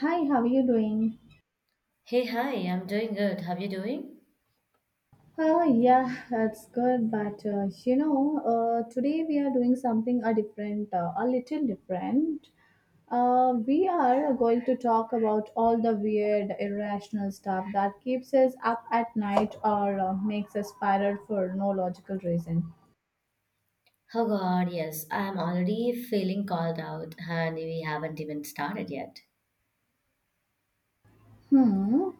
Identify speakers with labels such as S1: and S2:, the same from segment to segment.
S1: Hi, how are you doing?
S2: Hey, hi, I'm doing good. How you doing?
S1: Oh, yeah, that's good. But today we are doing something a different, a little different. We are going to talk about all the weird, irrational stuff that keeps us up at night or makes us spiral for no logical reason.
S2: Oh God, yes, I'm already feeling called out and we haven't even started yet.
S1: Hmm.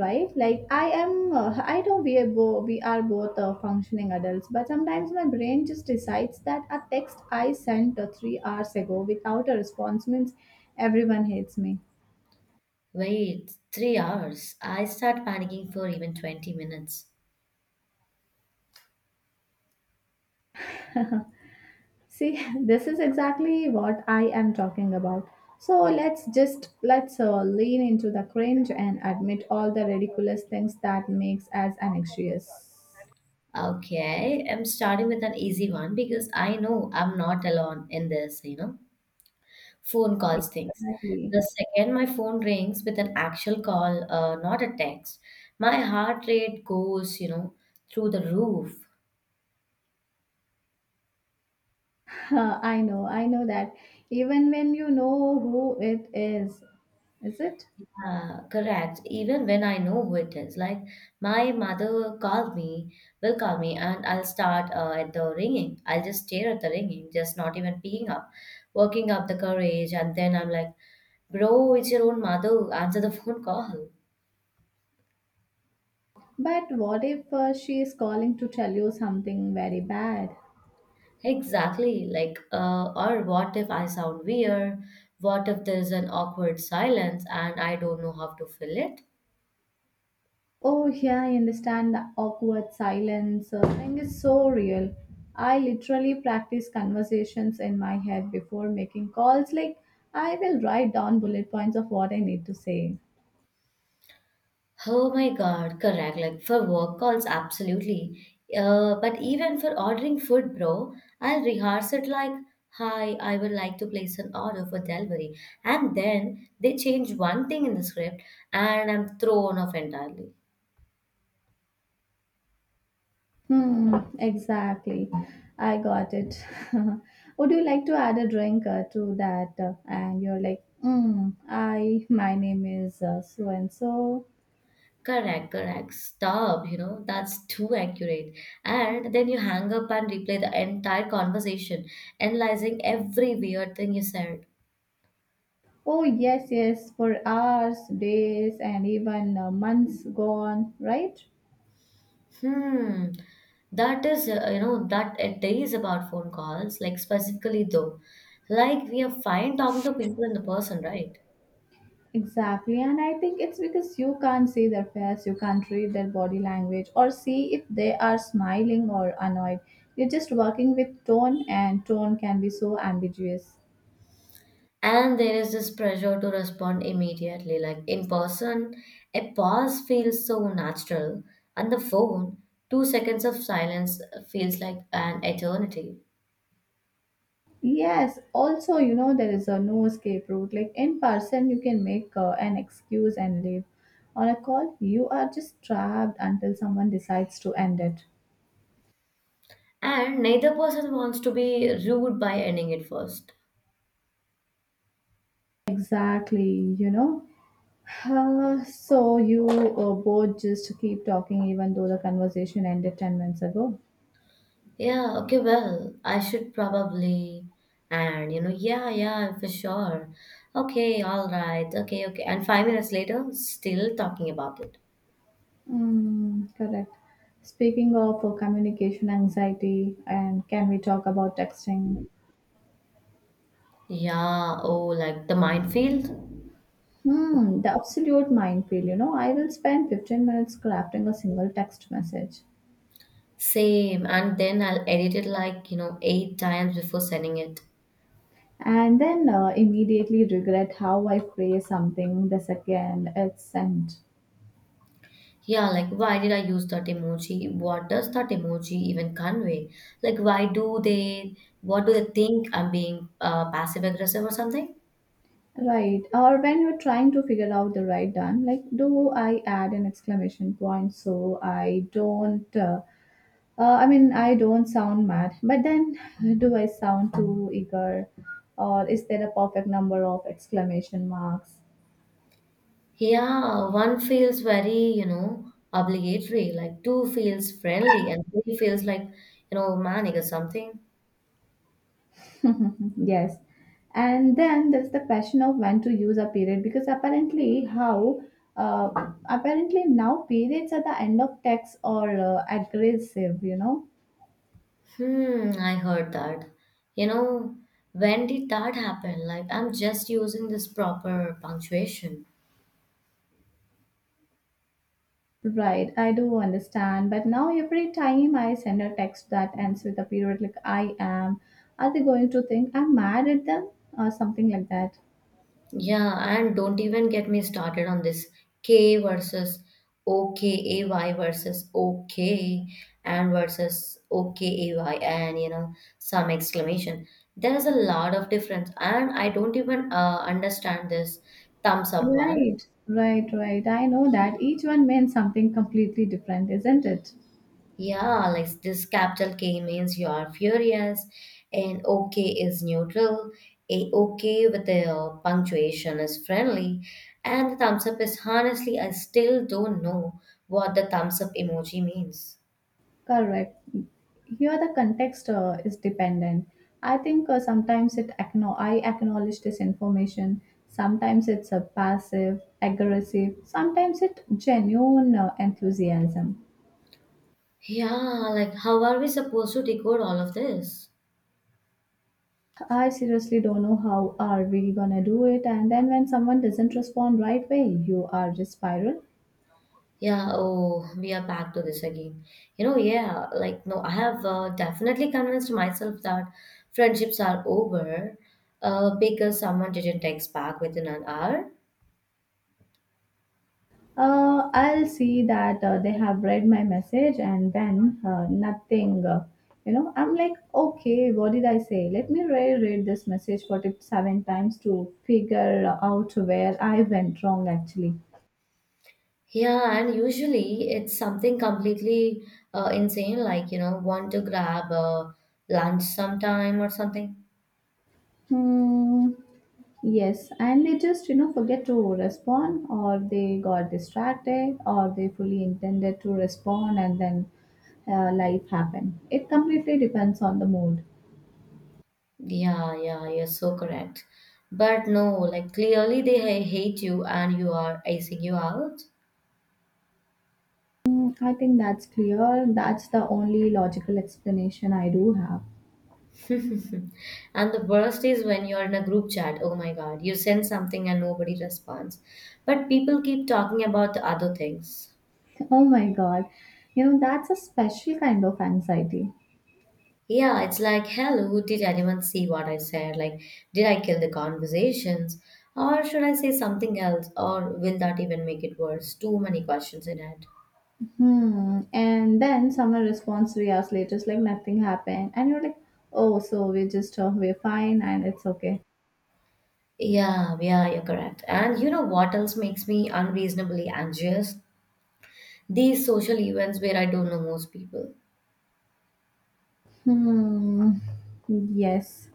S1: Right, like I know we are both functioning adults, but sometimes my brain just decides that a text I sent 3 hours ago without a response means everyone hates me.
S2: Wait, 3 hours. I start panicking for even 20 minutes.
S1: See, this is exactly what I am talking about. So let's lean into the cringe and admit all the ridiculous things that makes us anxious.
S2: Okay, I'm starting with an easy one because I know I'm not alone in this, phone calls things.
S1: Exactly.
S2: The second my phone rings with an actual call, not a text, my heart rate goes, through the roof.
S1: I know, I know that, even when you know who it is. Is it?
S2: Yeah, correct. Even when I know who it is, like my mother called me, will call me, and I'll start at the ringing. I'll just stare at the ringing, just not even picking up, working up the courage, and then I'm like, bro, it's your own mother. Answer the phone call.
S1: But what if she is calling to tell you something very bad?
S2: Exactly. Like, or what if I sound weird? What if there's an awkward silence and I don't know how to fill it?
S1: Oh, yeah, I understand the awkward silence thing is so real. I literally practice conversations in my head before making calls. Like, I will write down bullet points of what I need to say.
S2: Oh my God, correct. Like for work calls, absolutely. But even for ordering food, bro, I'll rehearse it like, hi, I would like to place an order for delivery. And then they change one thing in the script and I'm thrown off entirely.
S1: Hmm, exactly. I got it. Would you like to add a drink to that? And you're like, mm, my name is so and so.
S2: Correct, correct. Stop, that's too accurate. And then you hang up and replay the entire conversation, analyzing every weird thing you said.
S1: Oh, yes, yes, for hours, days, and even months gone, right?
S2: Hmm. That is, that it is about phone calls, like specifically though. Like we are fine talking to people in the person, right?
S1: Exactly, and I think it's because you can't see their face, you can't read their body language, or see if they are smiling or annoyed. You're just working with tone, and tone can be so ambiguous.
S2: And there is this pressure to respond immediately. Like in person, a pause feels so natural. On the phone, 2 seconds of silence feels like an eternity.
S1: Yes, also, you know, there is a no escape route. Like in person, you can make an excuse and leave. On a call, you are just trapped until someone decides to end it.
S2: And neither person wants to be rude by ending it first.
S1: Exactly, you know. Huh, so you both just keep talking even though the conversation ended 10 minutes ago.
S2: Yeah, okay, well, I should probably, and yeah, yeah, for sure. Okay, all right, okay, okay. And 5 minutes later, still talking about it.
S1: Mm, correct. Speaking of communication anxiety, and can we talk about texting?
S2: Yeah, oh, like the minefield?
S1: Hmm, the absolute minefield, you know. I will spend 15 minutes crafting a single text message
S2: Same, and then I'll edit it like, 8 times before sending it.
S1: and then immediately regret how I phrase something the second it's sent.
S2: Yeah, like why did I use that emoji? What does that emoji even convey? Like, why do they, what do they think I'm being passive aggressive or something?
S1: Right. Or when you're trying to figure out the right done, like, do I add an exclamation point so I don't, I mean, I don't sound mad, but then do I sound too eager? Or is there a perfect number of exclamation marks?
S2: Yeah, one feels very, obligatory, like two feels friendly, and three feels like, manic or something.
S1: Yes. And then there's the question of when to use a period because apparently, how, uh, apparently now periods at the end of text are aggressive, you know.
S2: Hmm, I heard that. You know, when did that happen? Like, I'm just using this proper punctuation.
S1: Right, I do understand, but now every time I send a text that ends with a period, like, I am, are they going to think I'm mad at them or something like that?
S2: Yeah, and don't even get me started on this K versus OKAY versus OK and versus OKAY and some exclamation. There is a lot of difference, and I don't even understand this thumbs up one.
S1: Right, right. I know that each one means something completely different, isn't it?
S2: Yeah, like this capital K means you are furious, and OK is neutral. A OK with the punctuation is friendly, and the thumbs up is honestly, I still don't know what the thumbs up emoji means.
S1: Correct. Here the context is dependent. I think sometimes it I acknowledge this information. Sometimes it's a passive, aggressive. Sometimes it genuine enthusiasm.
S2: Yeah, like how are we supposed to decode all of this?
S1: I seriously don't know how are we gonna do it, and then when someone doesn't respond right away you are just spiral.
S2: Yeah, oh, we are back to this again. No, I have definitely convinced myself that friendships are over because someone didn't text back within an hour.
S1: I'll see that they have read my message and then nothing. You know, I'm like, okay, what did I say? Let me reread this message 47 times to figure out where I went wrong actually.
S2: Yeah, and usually it's something completely insane, like, want to grab lunch sometime or something.
S1: Hmm. Yes, and they just, you know, forget to respond, or they got distracted, or they fully intended to respond, and then life happened. It completely depends on the mood.
S2: Yeah, yeah, you're so correct. But no, like, clearly they hate you and you are icing you out.
S1: Mm, I think that's clear. That's the only logical explanation I do have.
S2: And the worst is when you're in a group chat. Oh my God, you send something and nobody responds. But people keep talking about the other things.
S1: Oh my god, you know, that's a special kind of anxiety.
S2: Yeah, it's like, hello, did anyone see what I said? Like, did I kill the conversations? Or should I say something else? Or will that even make it worse? Too many questions in it.
S1: Hmm. And then someone responds 3 hours later, it's like nothing happened, and you're like, oh, so we're just we're fine and it's okay.
S2: Yeah, yeah, you're correct. And you know what else makes me unreasonably anxious? These social events where I don't know most people.
S1: Hmm. Yes.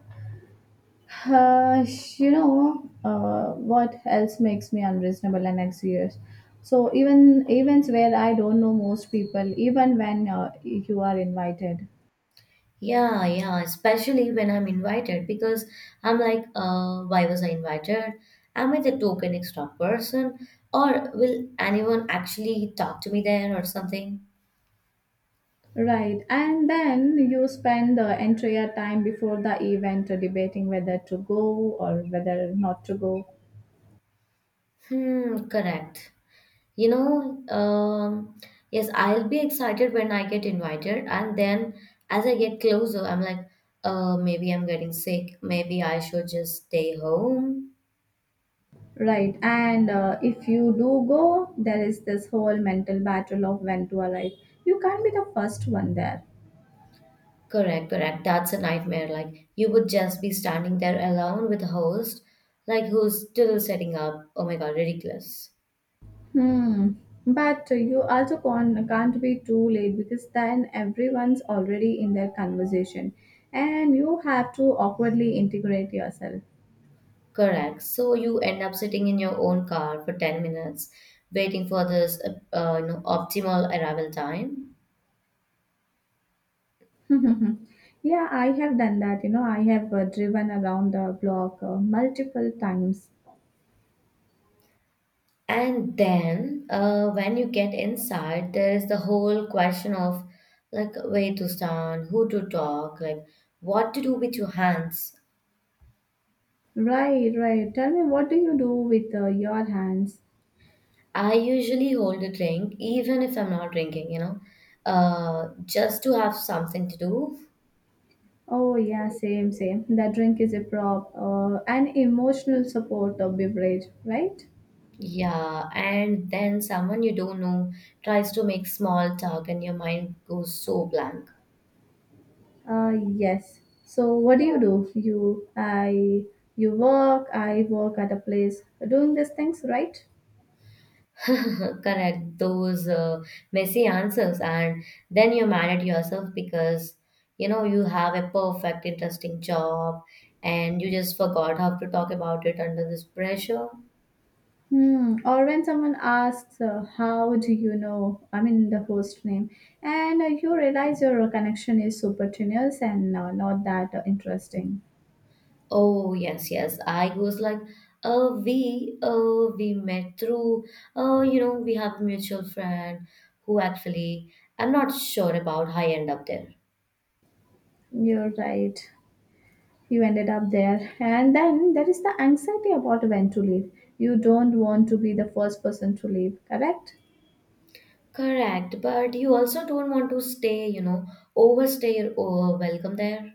S1: Uh, you know, what else makes me unreasonable and anxious? So even events where I don't know most people, even when you are invited.
S2: Yeah, yeah, especially when I'm invited because I'm like, why was I invited? Am I the token extra person? Or will anyone actually talk to me there or something?
S1: Right. And then you spend the entire time before the event debating whether to go or whether not to go.
S2: Hmm, correct. You know, um, yes, I'll be excited when I get invited, and then as I get closer, I'm like, maybe I'm getting sick. Maybe I should just stay home.
S1: Right. And if you do go, there is this whole mental battle of when to arrive. You can't be the first one there.
S2: Correct, correct. That's a nightmare. Like you would just be standing there alone with a host, like who's still setting up. Oh my god, ridiculous.
S1: Hmm. But you also can't be too late because then everyone's already in their conversation and you have to awkwardly integrate yourself.
S2: Correct. So you end up sitting in your own car for 10 minutes, waiting for this optimal arrival time.
S1: Yeah, I have done that. You know, I have driven around the block multiple times.
S2: And then when you get inside, there is the whole question of like where to stand, who to talk, like what to do with your hands.
S1: Right, right. Tell me, what do you do with your hands?
S2: I usually hold a drink even if I'm not drinking, just to have something to do.
S1: Oh, yeah, same, same. The drink is a prop, an emotional support of beverage, right?
S2: Yeah, and then someone you don't know tries to make small talk and your mind goes so blank.
S1: Yes. So what do you do? You work, I work at a place doing these things, right?
S2: Correct, those messy answers, and then you're mad at yourself because you know you have a perfect, interesting job and you just forgot how to talk about it under this pressure.
S1: Hmm. Or when someone asks, how do you know? I mean the host name, and you realize your connection is supertenuous and not that interesting.
S2: Oh yes, yes. I was like, oh we met through, oh you know we have a mutual friend who actually I'm not sure about how I end up there.
S1: You're right. You ended up there, and then there is the anxiety about when to leave. You don't want to be the first person to leave, correct?
S2: Correct, but you also don't want to stay, overstay your oh, welcome there.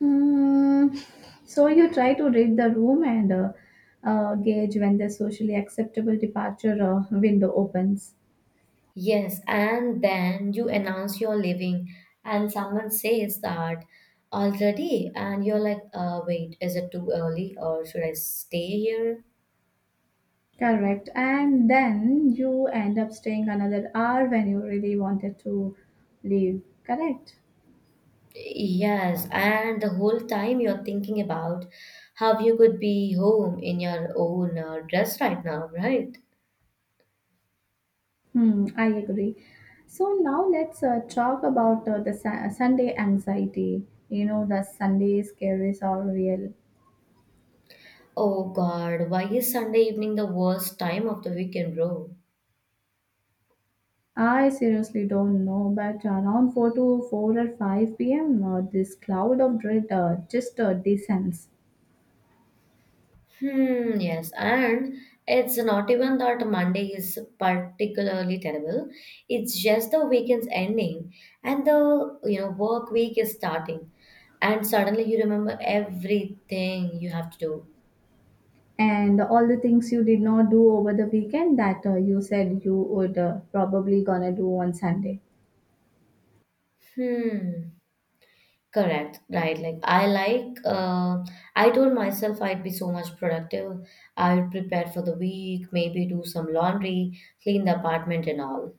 S1: Mm, so you try to read the room and gauge when the socially acceptable departure window opens.
S2: Yes, and then you announce you're leaving, and someone says that already, and you're like, wait, is it too early, or should I stay here?
S1: Correct. And then you end up staying another hour when you really wanted to leave. Correct.
S2: Yes, and the whole time you're thinking about how you could be home in your own dress right now, right?
S1: Hmm, I agree. So now let's talk about the Sunday anxiety. You know, the Sunday scaries are real.
S2: Oh God, why is Sunday evening the worst time of the weekend, bro?
S1: I seriously don't know, but around 4 to 4 or 5 p.m., this cloud of dread just descends.
S2: Hmm, yes, and it's not even that Monday is particularly terrible. It's just the weekend's ending and the, work week is starting. And suddenly you remember everything you have to do.
S1: And all the things you did not do over the weekend that you said you would probably gonna do on Sunday.
S2: Hmm. Correct, right. Like I told myself I'd be so much productive. I'd prepare for the week, maybe do some laundry, clean the apartment and all.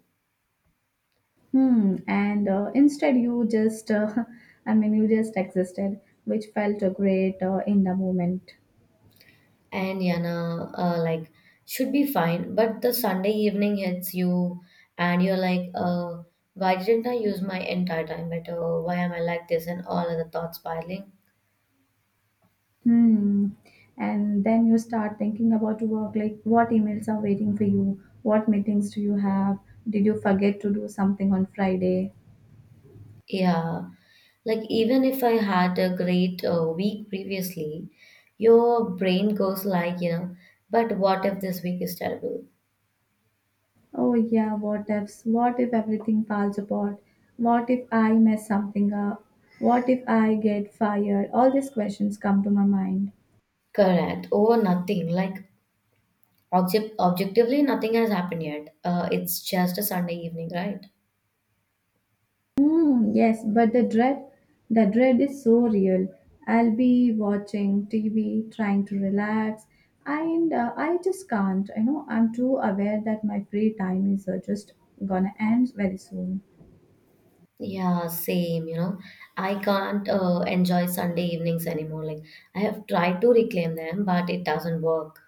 S1: Hmm. And instead, you just, I mean, you just existed, which felt great in the moment.
S2: And Yana, like should be fine. But the Sunday evening hits you and you're like, why didn't I use my entire time better? Why am I like this? And all other thoughts piling.
S1: Hmm. And then you start thinking about work, like what emails are waiting for you? What meetings do you have? Did you forget to do something on Friday?
S2: Yeah, like even if I had a great week previously, your brain goes like, but what if this week is terrible?
S1: Oh, yeah, what ifs? What if everything falls apart? What if I mess something up? What if I get fired? All these questions come to my mind.
S2: Correct. Or nothing. Like objectively, nothing has happened yet. It's just a Sunday evening, right?
S1: Mm, yes, but the dread is so real. I'll be watching TV, trying to relax, and I just can't. You know, I'm too aware that my free time is just gonna end very soon.
S2: Yeah, same, you know. I can't enjoy Sunday evenings anymore. Like I have tried to reclaim them, but it doesn't work.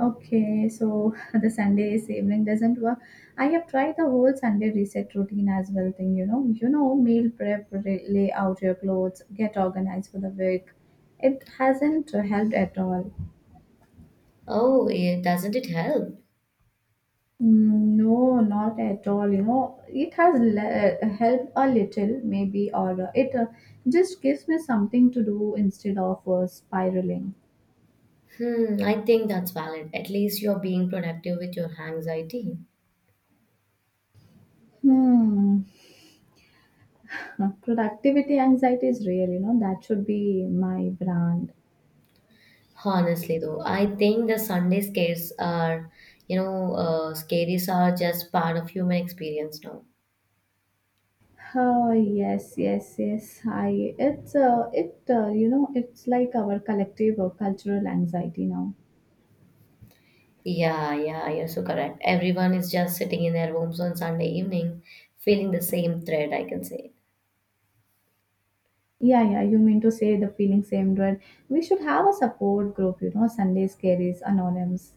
S1: Okay, so the Sunday evening doesn't work. I have tried the whole Sunday reset routine as well thing, you know. You know, meal prep, lay out your clothes, get organized for the week. It hasn't helped at all.
S2: Oh, it, doesn't it help?
S1: Mm, no, not at all. You know, it has helped a little, maybe, or it just gives me something to do instead of spiraling.
S2: Hmm, I think that's valid. At least you're being productive with your anxiety.
S1: Hmm. Productivity anxiety is real, you know, that should be my brand.
S2: Honestly, though, I think the Sunday scares are, scaries are just part of human experience now.
S1: Oh yes, yes, yes. I it's it You know, it's like our collective cultural anxiety now.
S2: Yeah, yeah, you're so correct. Everyone is just sitting in their homes on Sunday evening, feeling the same thread, I can say.
S1: Yeah, yeah. You mean to say the feeling same dread? We should have a support group, you know, Sundays carries anonyms.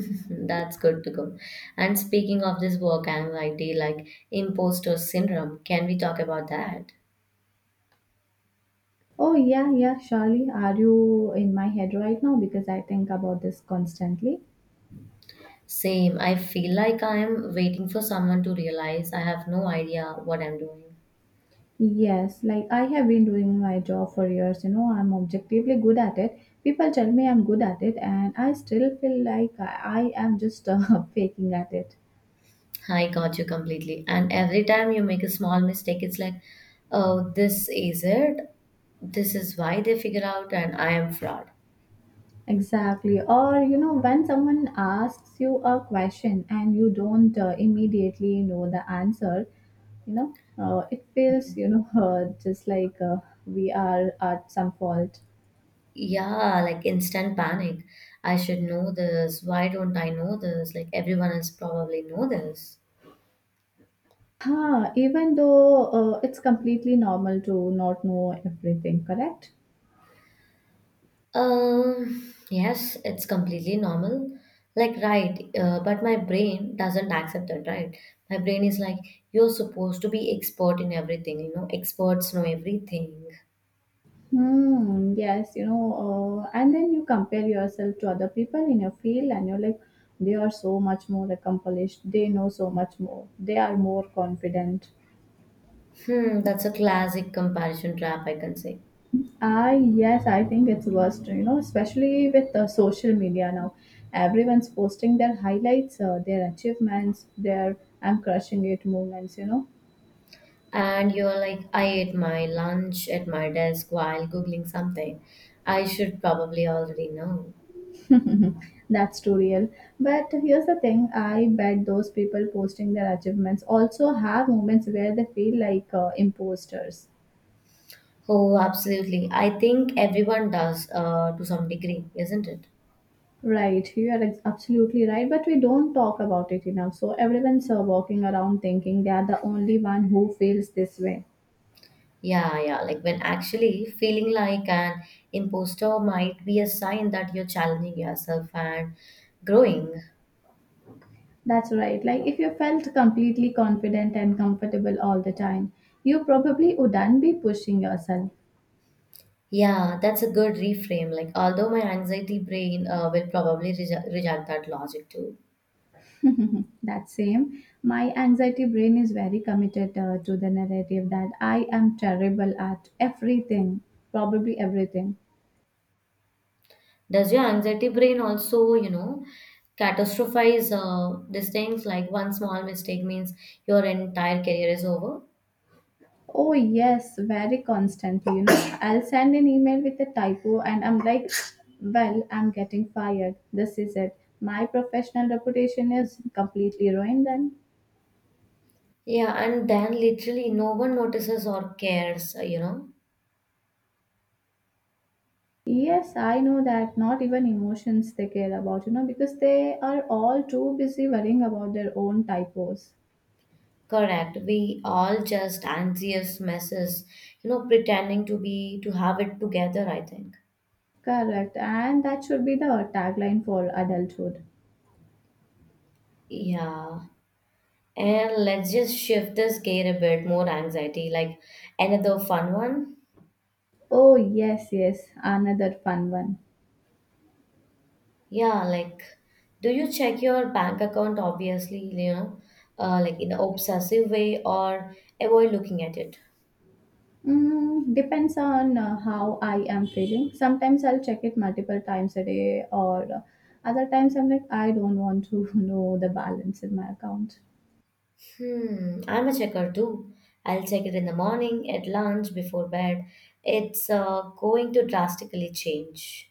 S2: That's good to go. And speaking of this work anxiety, like imposter syndrome, can we talk about that?
S1: Oh, yeah, yeah, surely. Are you in my head right now? Because I think about this constantly.
S2: Same. I feel like I am waiting for someone to realize I have no idea what I'm doing.
S1: Yes, like I have been doing my job for years, you know, I'm objectively good at it. People tell me I'm good at it, and I still feel like I am just faking at it.
S2: I got you completely. And every time you make a small mistake, it's like, oh, this is it. This is why they figure out, and I am fraud.
S1: Exactly. Or, you know, when someone asks you a question and you don't immediately know the answer, you know, it feels, you know, just like we are at some fault.
S2: Yeah, like instant panic. I should know this. Why don't I know this? Like everyone else probably know this.
S1: Huh, even though it's completely normal to not know everything, correct?
S2: Yes, it's completely normal. Like, right, but my brain doesn't accept it, right? My brain is like, you're supposed to be expert in everything, experts know everything.
S1: Hmm, yes, you know, and then you compare yourself to other people in your field and you're like, they are so much more accomplished, they know so much more, they are more confident.
S2: Hmm, that's a classic comparison trap, I can say.
S1: Ah, yes, I think it's worst, you know, especially with the social media now. Everyone's posting their highlights, their achievements, their I'm crushing it moments, you know.
S2: And you're like, I ate my lunch at my desk while Googling something. I should probably already know.
S1: That's too real. But here's the thing, I bet those people posting their achievements also have moments where they feel like imposters.
S2: Oh, absolutely. I think everyone does, to some degree, isn't it?
S1: Right, absolutely right, but we don't talk about it enough. So everyone's walking around thinking they are the only one who feels this way.
S2: Yeah, yeah. Like when actually feeling like an imposter might be a sign that you're challenging yourself and growing.
S1: That's right. Like if you felt completely confident and comfortable all the time, you probably wouldn't be pushing yourself.
S2: Yeah, that's a good reframe. Like, although my anxiety brain will probably reject that logic too.
S1: That same. My anxiety brain is very committed to the narrative that I am terrible at everything, probably everything.
S2: Does your anxiety brain also, catastrophize these things? Like, one small mistake means your entire career is over.
S1: Oh, yes, very constantly. You know, I'll send an email with a typo and I'm like, well, I'm getting fired. This is it. My professional reputation is completely ruined then.
S2: Yeah, and then literally no one notices or cares,
S1: Yes, I know that not even emotions they care about, you know, because they are all too busy worrying about their own typos.
S2: Correct. We all just anxious messes, pretending to have it together, I think.
S1: Correct, and that should be the tagline for adulthood.
S2: Yeah. And let's just shift this gear a bit more anxiety, like another fun one.
S1: Oh, yes, yes, another fun one.
S2: Yeah, like do you check your bank account obviously, like in an obsessive way or avoid looking at it?
S1: Mm, depends on how I am feeling. Sometimes I'll check it multiple times a day, or other times I'm like, I don't want to know the balance in my account.
S2: Hmm, I'm a checker too. I'll check it in the morning, at lunch, before bed. It's going to drastically change.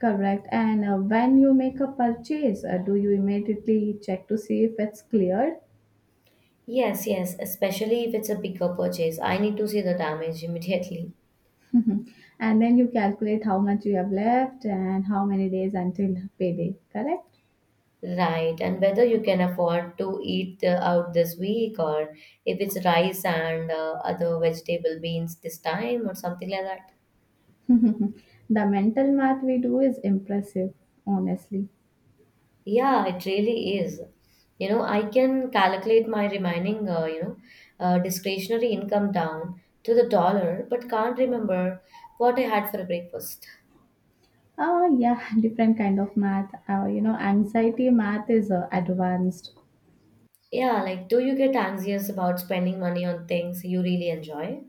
S1: Correct, and when you make a purchase, do you immediately check to see if it's cleared?
S2: Yes, yes, especially if it's a bigger purchase. I need to see the damage immediately.
S1: And then you calculate how much you have left and how many days until payday, correct?
S2: Right, and whether you can afford to eat out this week or if it's rice and other vegetable beans this time or something like that.
S1: Mhm. The mental math we do is impressive, honestly.
S2: Yeah, it really is. You know, I can calculate my remaining, discretionary income down to the dollar, but can't remember what I had for breakfast.
S1: Oh yeah, different kind of math. Anxiety math is advanced.
S2: Yeah, like, do you get anxious about spending money on things you really enjoy?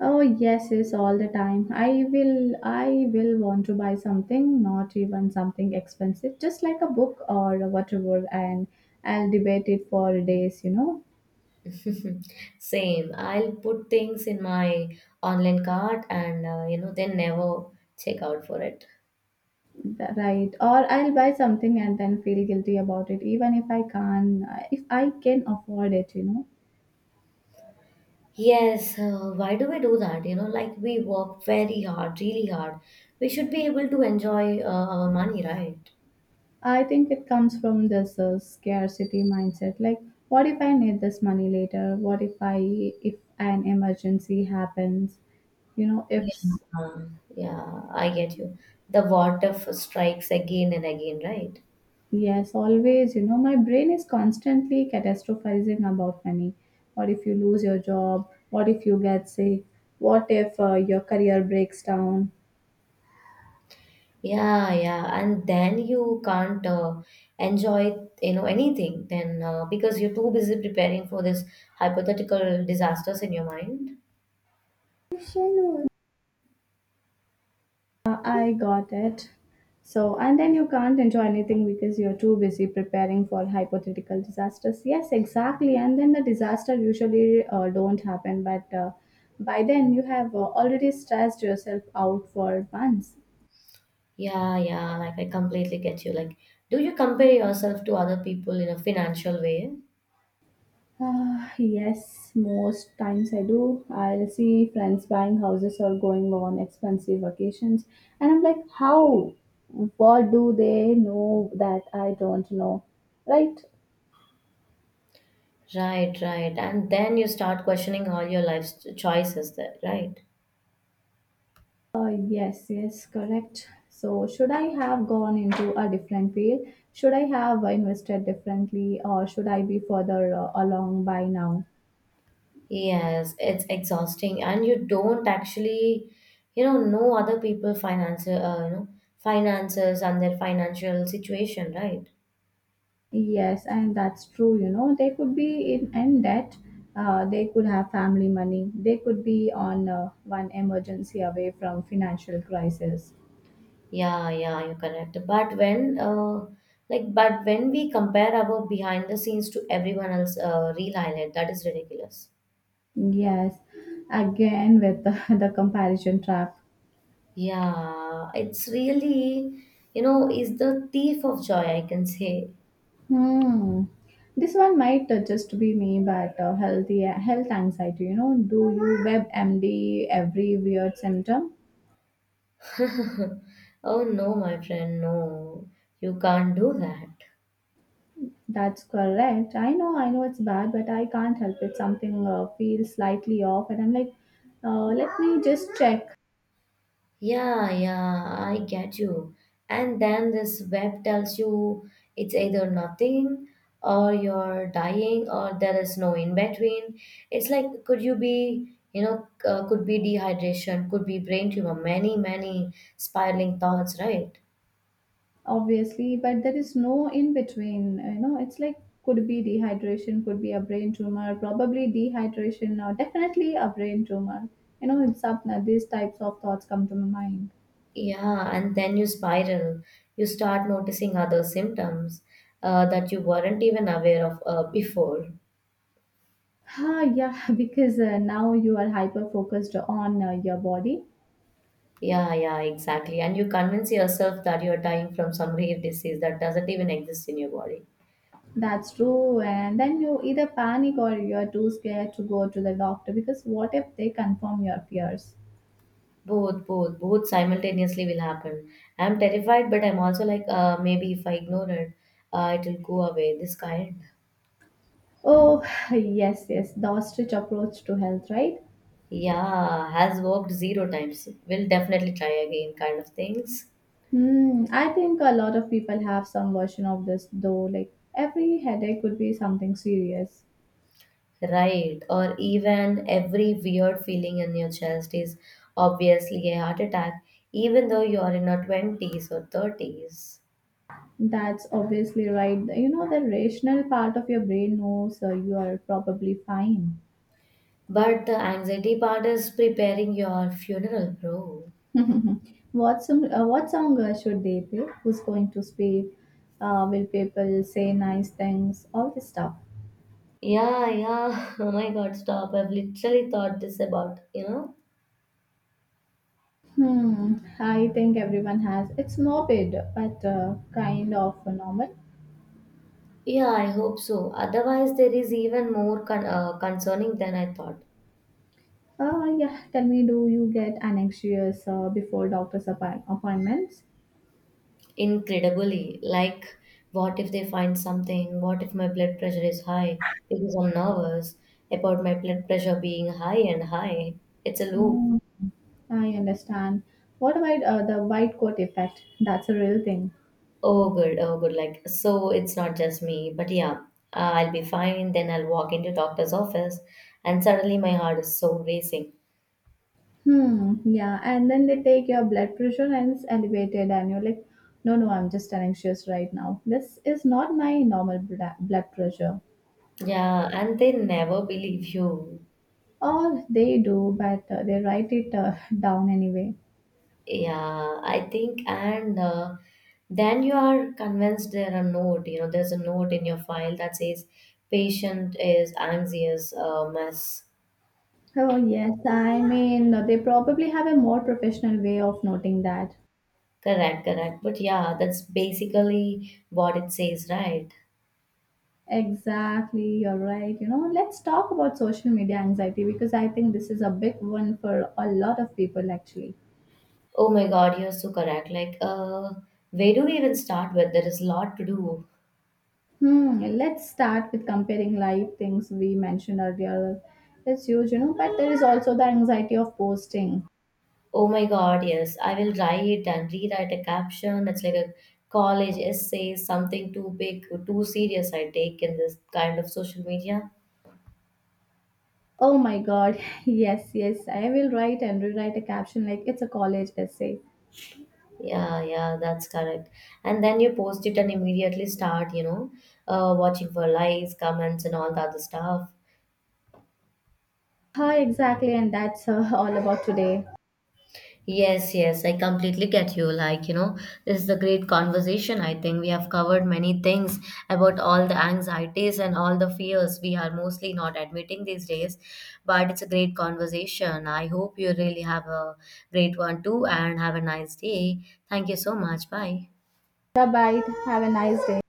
S1: Oh yes, yes, all the time. I will want to buy something, not even something expensive, just like a book or whatever, and I'll debate it for days.
S2: Same. I'll put things in my online cart and then never check out for it.
S1: Right? Or I'll buy something and then feel guilty about it, even if I can afford it. You know.
S2: Yes, why do we do that? You know, like we work very hard, really hard. We should be able to enjoy our money, right?
S1: I think it comes from this scarcity mindset. Like, what if I need this money later? What if I if an emergency happens? You know, if s-
S2: Yeah, yeah, I get you. The water if strikes again and again, right?
S1: Yes, always. You know, my brain is constantly catastrophizing about money. What if you lose your job? What if you get sick? What if your career breaks down?
S2: Yeah, yeah, and then you can't enjoy, you know, anything then because you're too busy preparing for this hypothetical disasters in your mind.
S1: I got it. So, and then you can't enjoy anything because you're too busy preparing for hypothetical disasters. Yes, exactly. And then the disaster usually don't happen, but by then you have already stressed yourself out for months.
S2: Yeah, yeah, like I completely get you. Like, do you compare yourself to other people in a financial way?
S1: Yes, most times I do. I'll see friends buying houses or going on expensive vacations, and I'm like, how? What do they know that I don't know? Right?
S2: Right, right, and then you start questioning all your life's choices there, right?
S1: Yes, yes, correct. So, should I have gone into a different field? Should I have invested differently, or should I be further along by now?
S2: Yes, it's exhausting, and you don't actually, you know other people finance, know, finances and their financial situation, right?
S1: Yes, and that's true. You know, they could be in debt. They could have family money. They could be on one emergency away from financial crisis.
S2: Yeah, yeah, you're correct. But when, like, but when we compare our behind the scenes to everyone else, real highlight, that is ridiculous.
S1: Yes, again with the comparison trap.
S2: Yeah, it's really, you know, is the thief of joy, I can say.
S1: Hmm. This one might just be me, but healthy health anxiety. You know, do you web MD every weird symptom?
S2: Oh no, my friend, no, you can't do that.
S1: That's correct. I know it's bad, but I can't help it. Something feels slightly off, and I'm like, let me just check.
S2: Yeah, yeah, I get you. And then this web tells you it's either nothing or you're dying or there is no in between. It's like, could you be, could be dehydration, could be brain tumor, many, many spiraling thoughts, right?
S1: Obviously, but there is no in between. You know, it's like could be dehydration, could be a brain tumor, probably dehydration, or definitely a brain tumor. You know, it's up. These types of thoughts come to my mind.
S2: Yeah, and then you spiral. You start noticing other symptoms that you weren't even aware of before.
S1: Ah, yeah, because now you are hyper focused on your body.
S2: Yeah, yeah, exactly. And you convince yourself that you're dying from some rare disease that doesn't even exist in your body.
S1: That's true. And then you either panic or you're too scared to go to the doctor because what if they confirm your fears?
S2: Both, both, both simultaneously will happen. I'm terrified, but I'm also like, maybe if I ignore it, it will go away. This kind,
S1: Oh, yes, yes, the ostrich approach to health, right?
S2: yeah, has worked zero times. Will definitely try again, kind of things.
S1: Hmm, I think a lot of people have some version of this though. Like every headache could be something serious.
S2: Right. Or even every weird feeling in your chest is obviously a heart attack, even though you are in your 20s or 30s.
S1: That's obviously right. You know, the rational part of your brain knows you are probably fine.
S2: But the anxiety part is preparing your funeral, bro.
S1: What song? What song should they play? Who's going to speak? Will people say nice things? All this stuff.
S2: Yeah, yeah. Oh my God, stop. I've literally thought this about.
S1: Hmm. I think everyone has. It's morbid, but kind of normal.
S2: Yeah, I hope so. Otherwise, there is even more concerning than I thought.
S1: Yeah. Tell me, do you get anxious before appointments?
S2: Incredibly. Like, what if they find something? What if my blood pressure is high? Because I'm nervous about my blood pressure being high and high. It's a loop.
S1: Hmm. I understand. What about the white coat effect? That's a real thing.
S2: Oh, good. Oh, good. Like, so it's not just me, but yeah, I'll be fine. Then I'll walk into doctor's office, and suddenly my heart is so racing.
S1: Hmm. Yeah. And then they take your blood pressure and it's elevated, and you're like, no, no, I'm just anxious right now. This is not my blood pressure.
S2: Yeah, and they never believe you.
S1: Or they do, but they write it down anyway.
S2: Yeah, I think, and then you are convinced there a note. You know, there's a note in your file that says patient is anxious, mess.
S1: Oh, yes. I mean, they probably have a more professional way of noting that.
S2: Correct, correct. But yeah, that's basically what it says, right?
S1: Exactly. You're right. You know, let's talk about social media anxiety because I think this is a big one for a lot of people actually.
S2: Oh my God, you're so correct. Like, where do we even start with? There is a lot to do.
S1: Hmm, let's start with comparing live things we mentioned earlier. It's huge, you know, but there is also the anxiety of posting.
S2: Oh my God, yes. I will write and rewrite a caption. It's like a college essay, something too big, too serious I take in this kind of social media.
S1: Oh my god, yes, yes, I will write and rewrite a caption like it's a college essay.
S2: Yeah, yeah, that's correct. And then you post it and immediately start, you know, watching for likes, comments, and all the other stuff.
S1: Hi, exactly, and that's all about today.
S2: Yes, yes, I completely get you. Like, you know, this is a great conversation. I think we have covered many things about all the anxieties and all the fears we are mostly not admitting these days. But it's a great conversation. I hope you really have a great one too and have a nice day. Thank you so much. Bye.
S1: Bye bye, have a nice day.